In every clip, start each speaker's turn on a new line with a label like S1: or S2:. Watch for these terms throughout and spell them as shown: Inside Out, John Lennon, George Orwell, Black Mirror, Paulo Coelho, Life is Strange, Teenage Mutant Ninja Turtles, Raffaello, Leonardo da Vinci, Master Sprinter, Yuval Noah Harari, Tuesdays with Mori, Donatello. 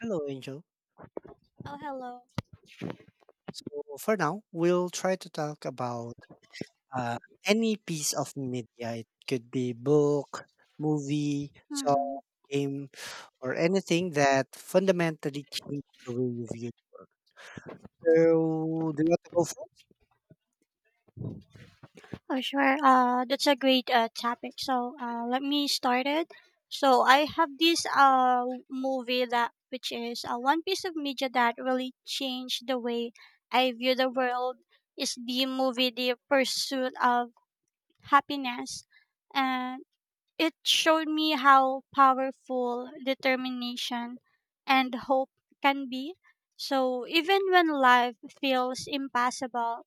S1: Hello, Angel.
S2: Oh, hello.
S1: So for now, we'll try to talk about uh, any piece of media. It could be book, movie,
S2: Mm-hmm.
S1: song, game, or anything that fundamentally changed the way you view the world. So do you want to go first?
S2: Oh, sure. That's a great topic. So, let me start it. So, I have this movie that which is one piece of media that really changed the way I view the world. Is the movie The Pursuit of Happiness, and it showed me how powerful determination and hope can be. So, even when life feels impossible,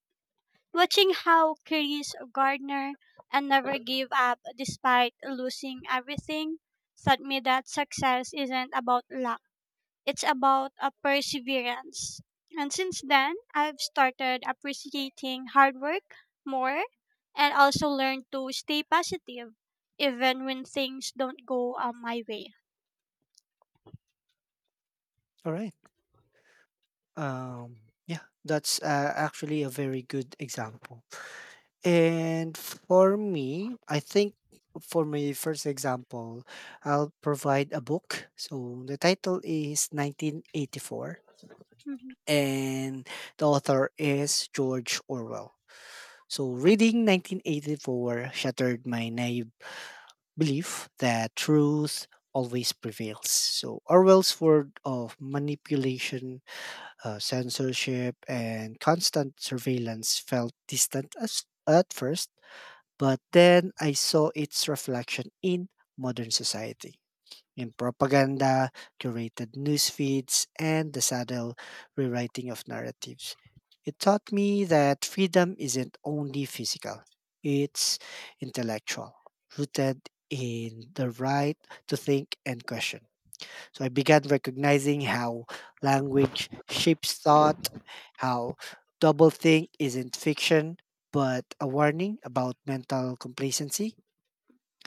S2: watching how Chris Gardner and never gave up despite losing everything taught me that success isn't about luck. It's about a perseverance. And since then, I've started appreciating hard work more and also learned to stay positive even when things don't go my way.
S1: All right. Um, yeah, that's actually a very good example. And for me, I think for my first example, I'll provide a book. So the title is 1984,
S2: Mhm.
S1: and the author is George Orwell. So reading 1984 shattered my naive belief that truth always prevails. So Orwell's word of manipulation, censorship and constant surveillance felt distant as, at first, but then I saw its reflection in modern society. In propaganda, curated news feeds, and the subtle rewriting of narratives. It taught me that freedom isn't only physical, it's intellectual, rooted in the right to think and question. So I began recognizing how language shapes thought, how doublethink isn't fiction, but a warning about mental complacency.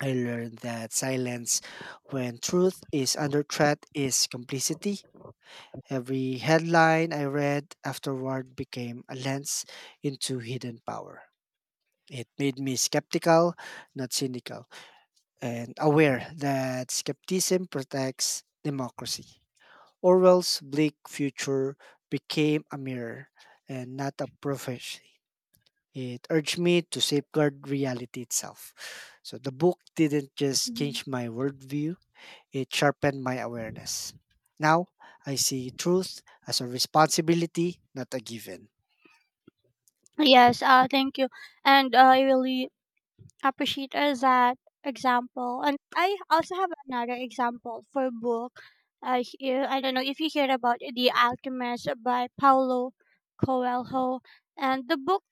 S1: I learned that silence when truth is under threat is complicity. Every headline I read afterward became a lens into hidden power. It made me skeptical, not cynical, and aware that skepticism protects democracy. Orwell's bleak future became a mirror and not a prophecy. It urged me to safeguard reality itself. So the book didn't just
S2: Mhm.
S1: change my worldview, it sharpened my awareness. Now I see truth as a responsibility, not a given.
S2: Yes, thank you. And I really appreciate that example. And I also have another example for book. Here, I don't know if you heard about The Alchemist by Paulo Coelho. And the book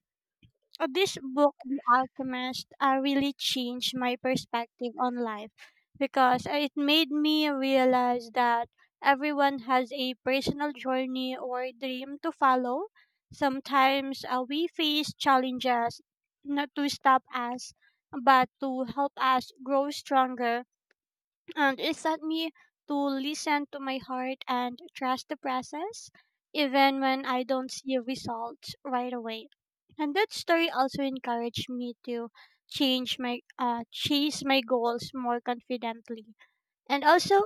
S2: this book, The Alchemist, really changed my perspective on life because it made me realize that everyone has a personal journey or dream to follow. Sometimes we face challenges not to stop us, but to help us grow stronger, and it taught me to listen to my heart and trust the process, even when I don't see results right away. And that story also encouraged me to change my chase my goals more confidently. And also,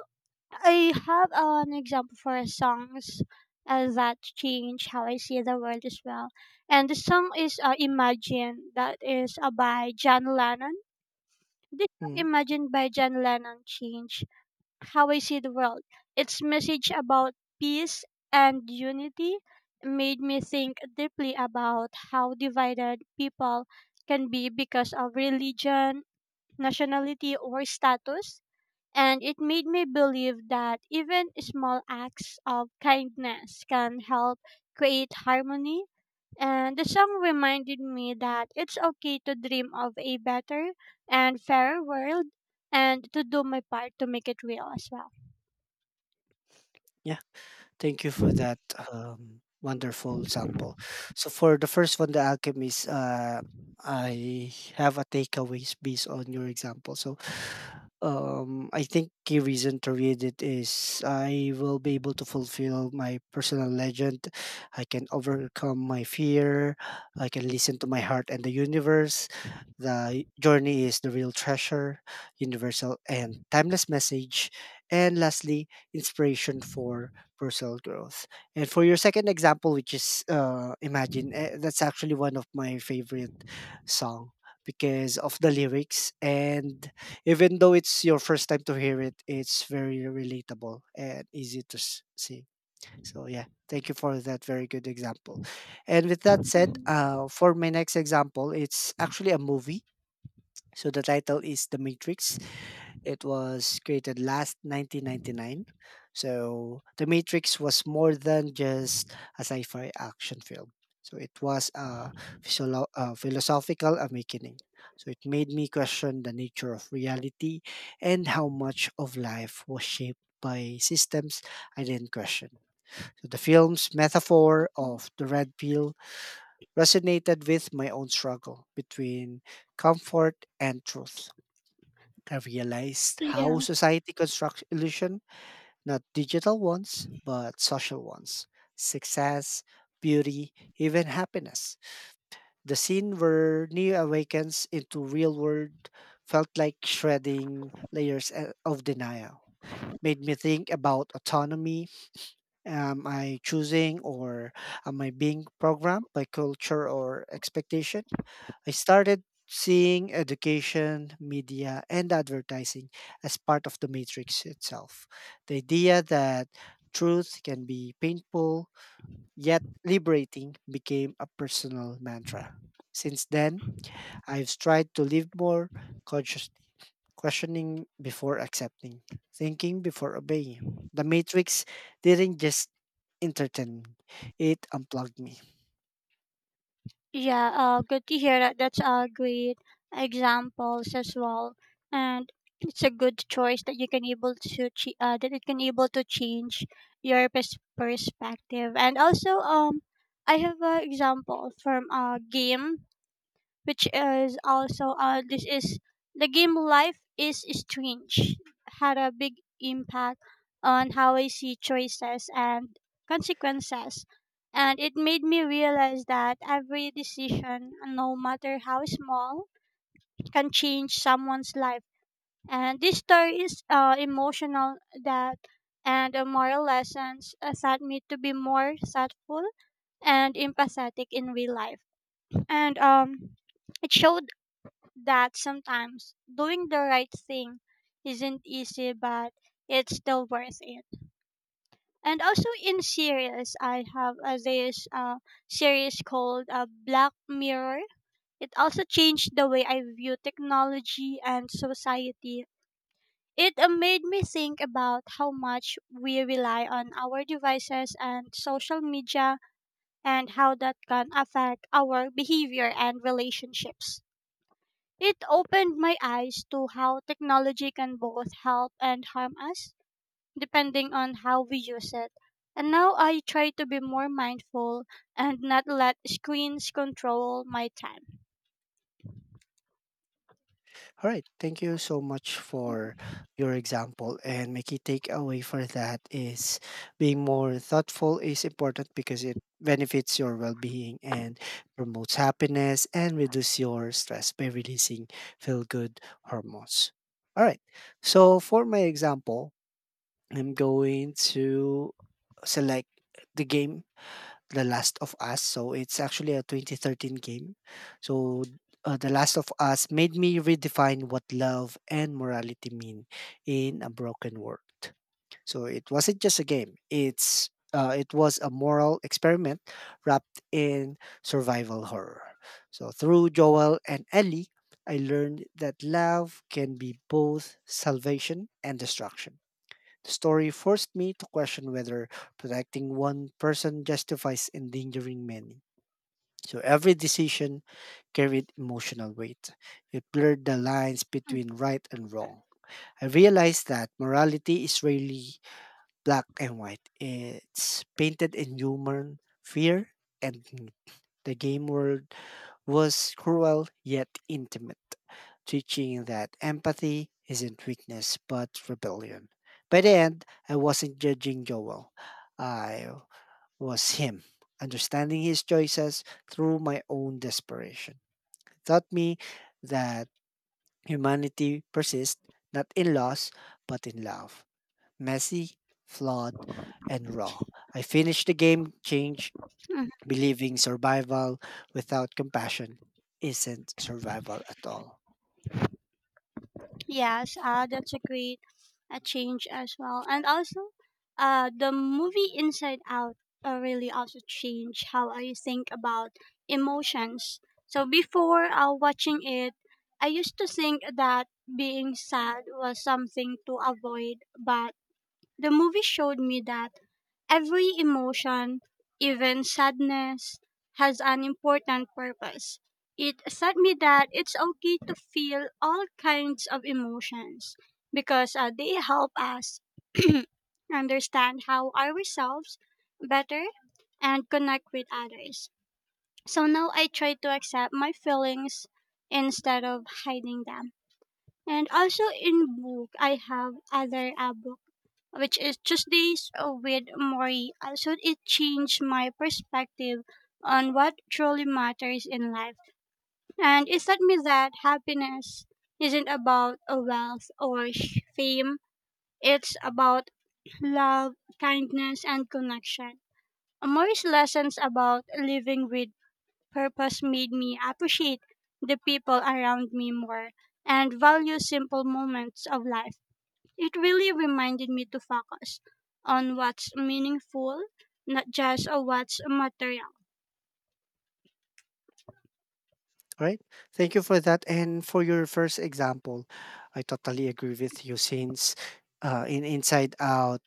S2: I have an example for a songs that change how I see the world as well. And the song is "Imagine" that is by John Lennon. This song,
S1: Mm,
S2: "Imagine" by John Lennon, changed how I see the world. Its message about peace and unity made me think deeply about how divided people can be because of religion, nationality, or status. And it made me believe that even small acts of kindness can help create harmony. And the song reminded me that it's okay to dream of a better and fairer world and to do my part to make it real as well.
S1: yeah. Thank you for that wonderful sample. So for the first one, the alchemist, I have a takeaways based on your example. So I think key reason to read it is I will be able to fulfill my personal legend. I can overcome my fear. I can listen to my heart and the universe. The journey is the real treasure, universal and timeless message. And lastly, inspiration for self growth. And for your second example, which is Imagine, eh, that's actually one of my favorite song because of the lyrics. And even though it's your first time to hear it, it's very relatable and easy to sing. So, yeah. Thank you for that very good example. And with that said,
S2: Mhm,
S1: for my next example, it's actually a movie. So the title is The Matrix. It was created last 1999. So The Matrix was more than just a sci-fi action film. So it was a philosophical awakening. So it made me question the nature of reality and how much of life was shaped by systems I didn't question. So the film's metaphor
S2: mhm.
S1: of the red pill resonated with my own struggle between comfort and truth. I realized how
S2: Yeah.
S1: society constructs illusion, not digital ones, but social ones. Success, beauty, even happiness. The scene where Neo awakens into real world felt like shredding layers of denial. It made me think about autonomy. Am I choosing, or am I being programmed by culture or expectation? I started seeing education, media, and advertising as part of the matrix itself. The idea that truth can be painful yet liberating became a personal mantra. Since then, I've tried to live more consciously, questioning before accepting, thinking before obeying. The Matrix didn't just entertain me, it unplugged me.
S2: Yeah, good to hear that. That's a great examples as well, and it's a good choice that you can able to that it can able to change your perspective. And also, I have an example from a game which is also this is the game Life is Strange, had a big impact on how I see choices and consequences, and it made me realize that every decision, no matter how small, can change someone's life. And this story is emotional that, and moral lessons taught me to be more thoughtful and empathetic in real life. And it showed that sometimes doing the right thing isn't easy, but it's still worth it. And also in series, I have this series called Black Mirror. It also changed the way I view technology and society. It made me think about how much we rely on our devices and social media and how that can affect our behavior and relationships. It opened my eyes to how technology can both help and harm us, depending on how we use it. And now I try to be more mindful and not let screens control my time.
S1: All right. Thank you so much for your example. And my key takeaway for that is being more thoughtful is important because it benefits your well being and promotes happiness and reduce your stress by releasing feel good hormones. All right. So for my example, I'm going to select the game the Last of Us. So it's actually a 2013 game. So The Last of Us made me redefine what love and morality mean in a broken world. So it wasn't just a game. It was a moral experiment wrapped in survival horror. So through Joel and Ellie, I learned that love can be both salvation and destruction. The story forced me to question whether protecting one person justifies endangering many. So every decision carried emotional weight. It blurred the lines
S2: Mm.
S1: between right and wrong. I realized that morality is really black and white. It's painted in human fear and need. The game world was cruel yet intimate, teaching that empathy isn't weakness but rebellion. By the end, I wasn't judging Joel, I was him, understanding his choices through my own desperation. It taught me that humanity persists not in loss but in love. Messy, flawed, and raw. I finished the game, changed. Believing survival without compassion isn't survival at all.
S2: Yes, that's a great a change as well. And also, the movie Inside Out really also changed how I think about emotions. So before watching it, I used to think that being sad was something to avoid, but the movie showed me that every emotion, even sadness, has an important purpose. It taught me that it's okay to feel all kinds of emotions because they help us understand how ourselves better and connect with others. So now I try to accept my feelings instead of hiding them. And also in book, I have other books which is Tuesdays with Mori. Also, it changed my perspective on what truly matters in life. And it taught me that happiness isn't about wealth or fame, it's about love, kindness, and connection. Mori's lessons about living with purpose made me appreciate the people around me more and value simple moments of life. It really reminded me to focus on what's meaningful, not just on what's material.
S1: All right. Thank you for that. And for your first example, I totally agree with you since in Inside Out,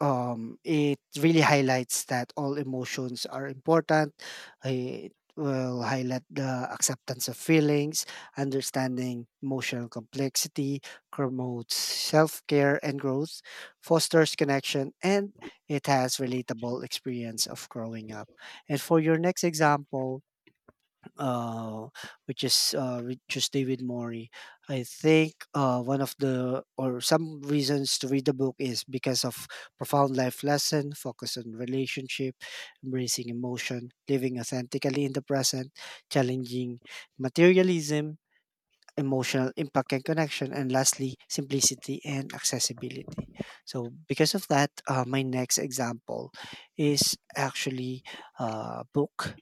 S1: it really highlights that all emotions are important. It will highlight the acceptance of feelings, understanding emotional complexity, promotes self care and growth, fosters connection, and it has relatable experience of growing up. And for your next example, uh, which is David Mori. I think one of the or some reasons to read the book is because of profound life lesson, focus on relationship, embracing emotion, living authentically in the present, challenging materialism, emotional impact and connection, and lastly, simplicity and accessibility. So, because of that, my next example is actually a book.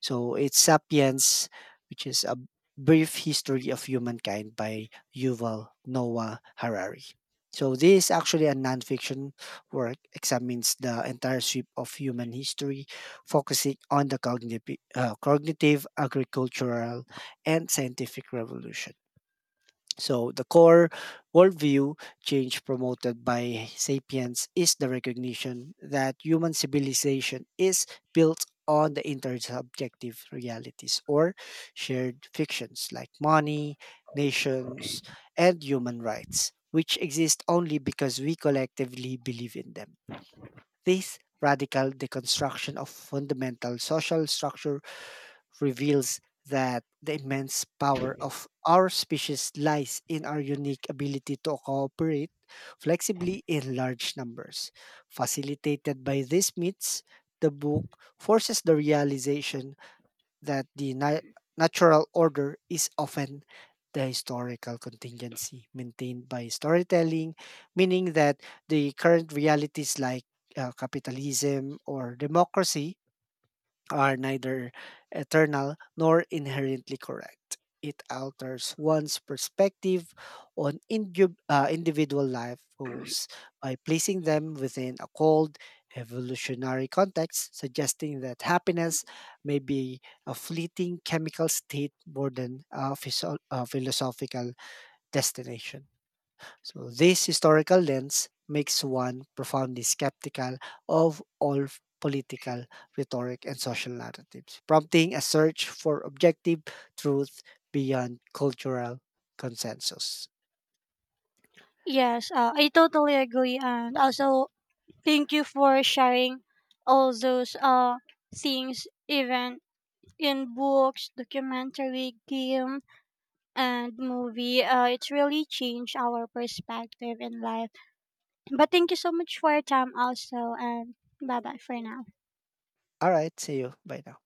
S1: So, it's Sapiens, which is a brief history of humankind by Yuval Noah Harari. So, this is actually a nonfiction work, examines the entire sweep of human history, focusing on the cognitive agricultural, and scientific revolution. So the core worldview change promoted by Sapiens is the recognition that human civilization is built on the intersubjective realities or shared fictions like money, nations, and human rights, which exist only because we collectively believe in them. This radical deconstruction of fundamental social structure reveals that the immense power of our species lies in our unique ability to cooperate flexibly in large numbers. Facilitated by these myths, the book forces the realization that the natural order is often the historical contingency maintained by storytelling, meaning that the current realities like capitalism or democracy are neither eternal nor inherently correct. It alters one's perspective on individual life goals by placing them within a cold evolutionary context, suggesting that happiness may be a fleeting chemical state more than a a philosophical destination. So this historical lens makes one profoundly skeptical of all political rhetoric and social narratives, prompting a search for objective truth beyond cultural consensus.
S2: Yes, I totally agree. And also, thank you for sharing all those things, even in books, documentary, game, and movie. It's really changed our perspective in life. But thank you so much for your time, also. And bye bye for now.
S1: Alright, see you. Bye now.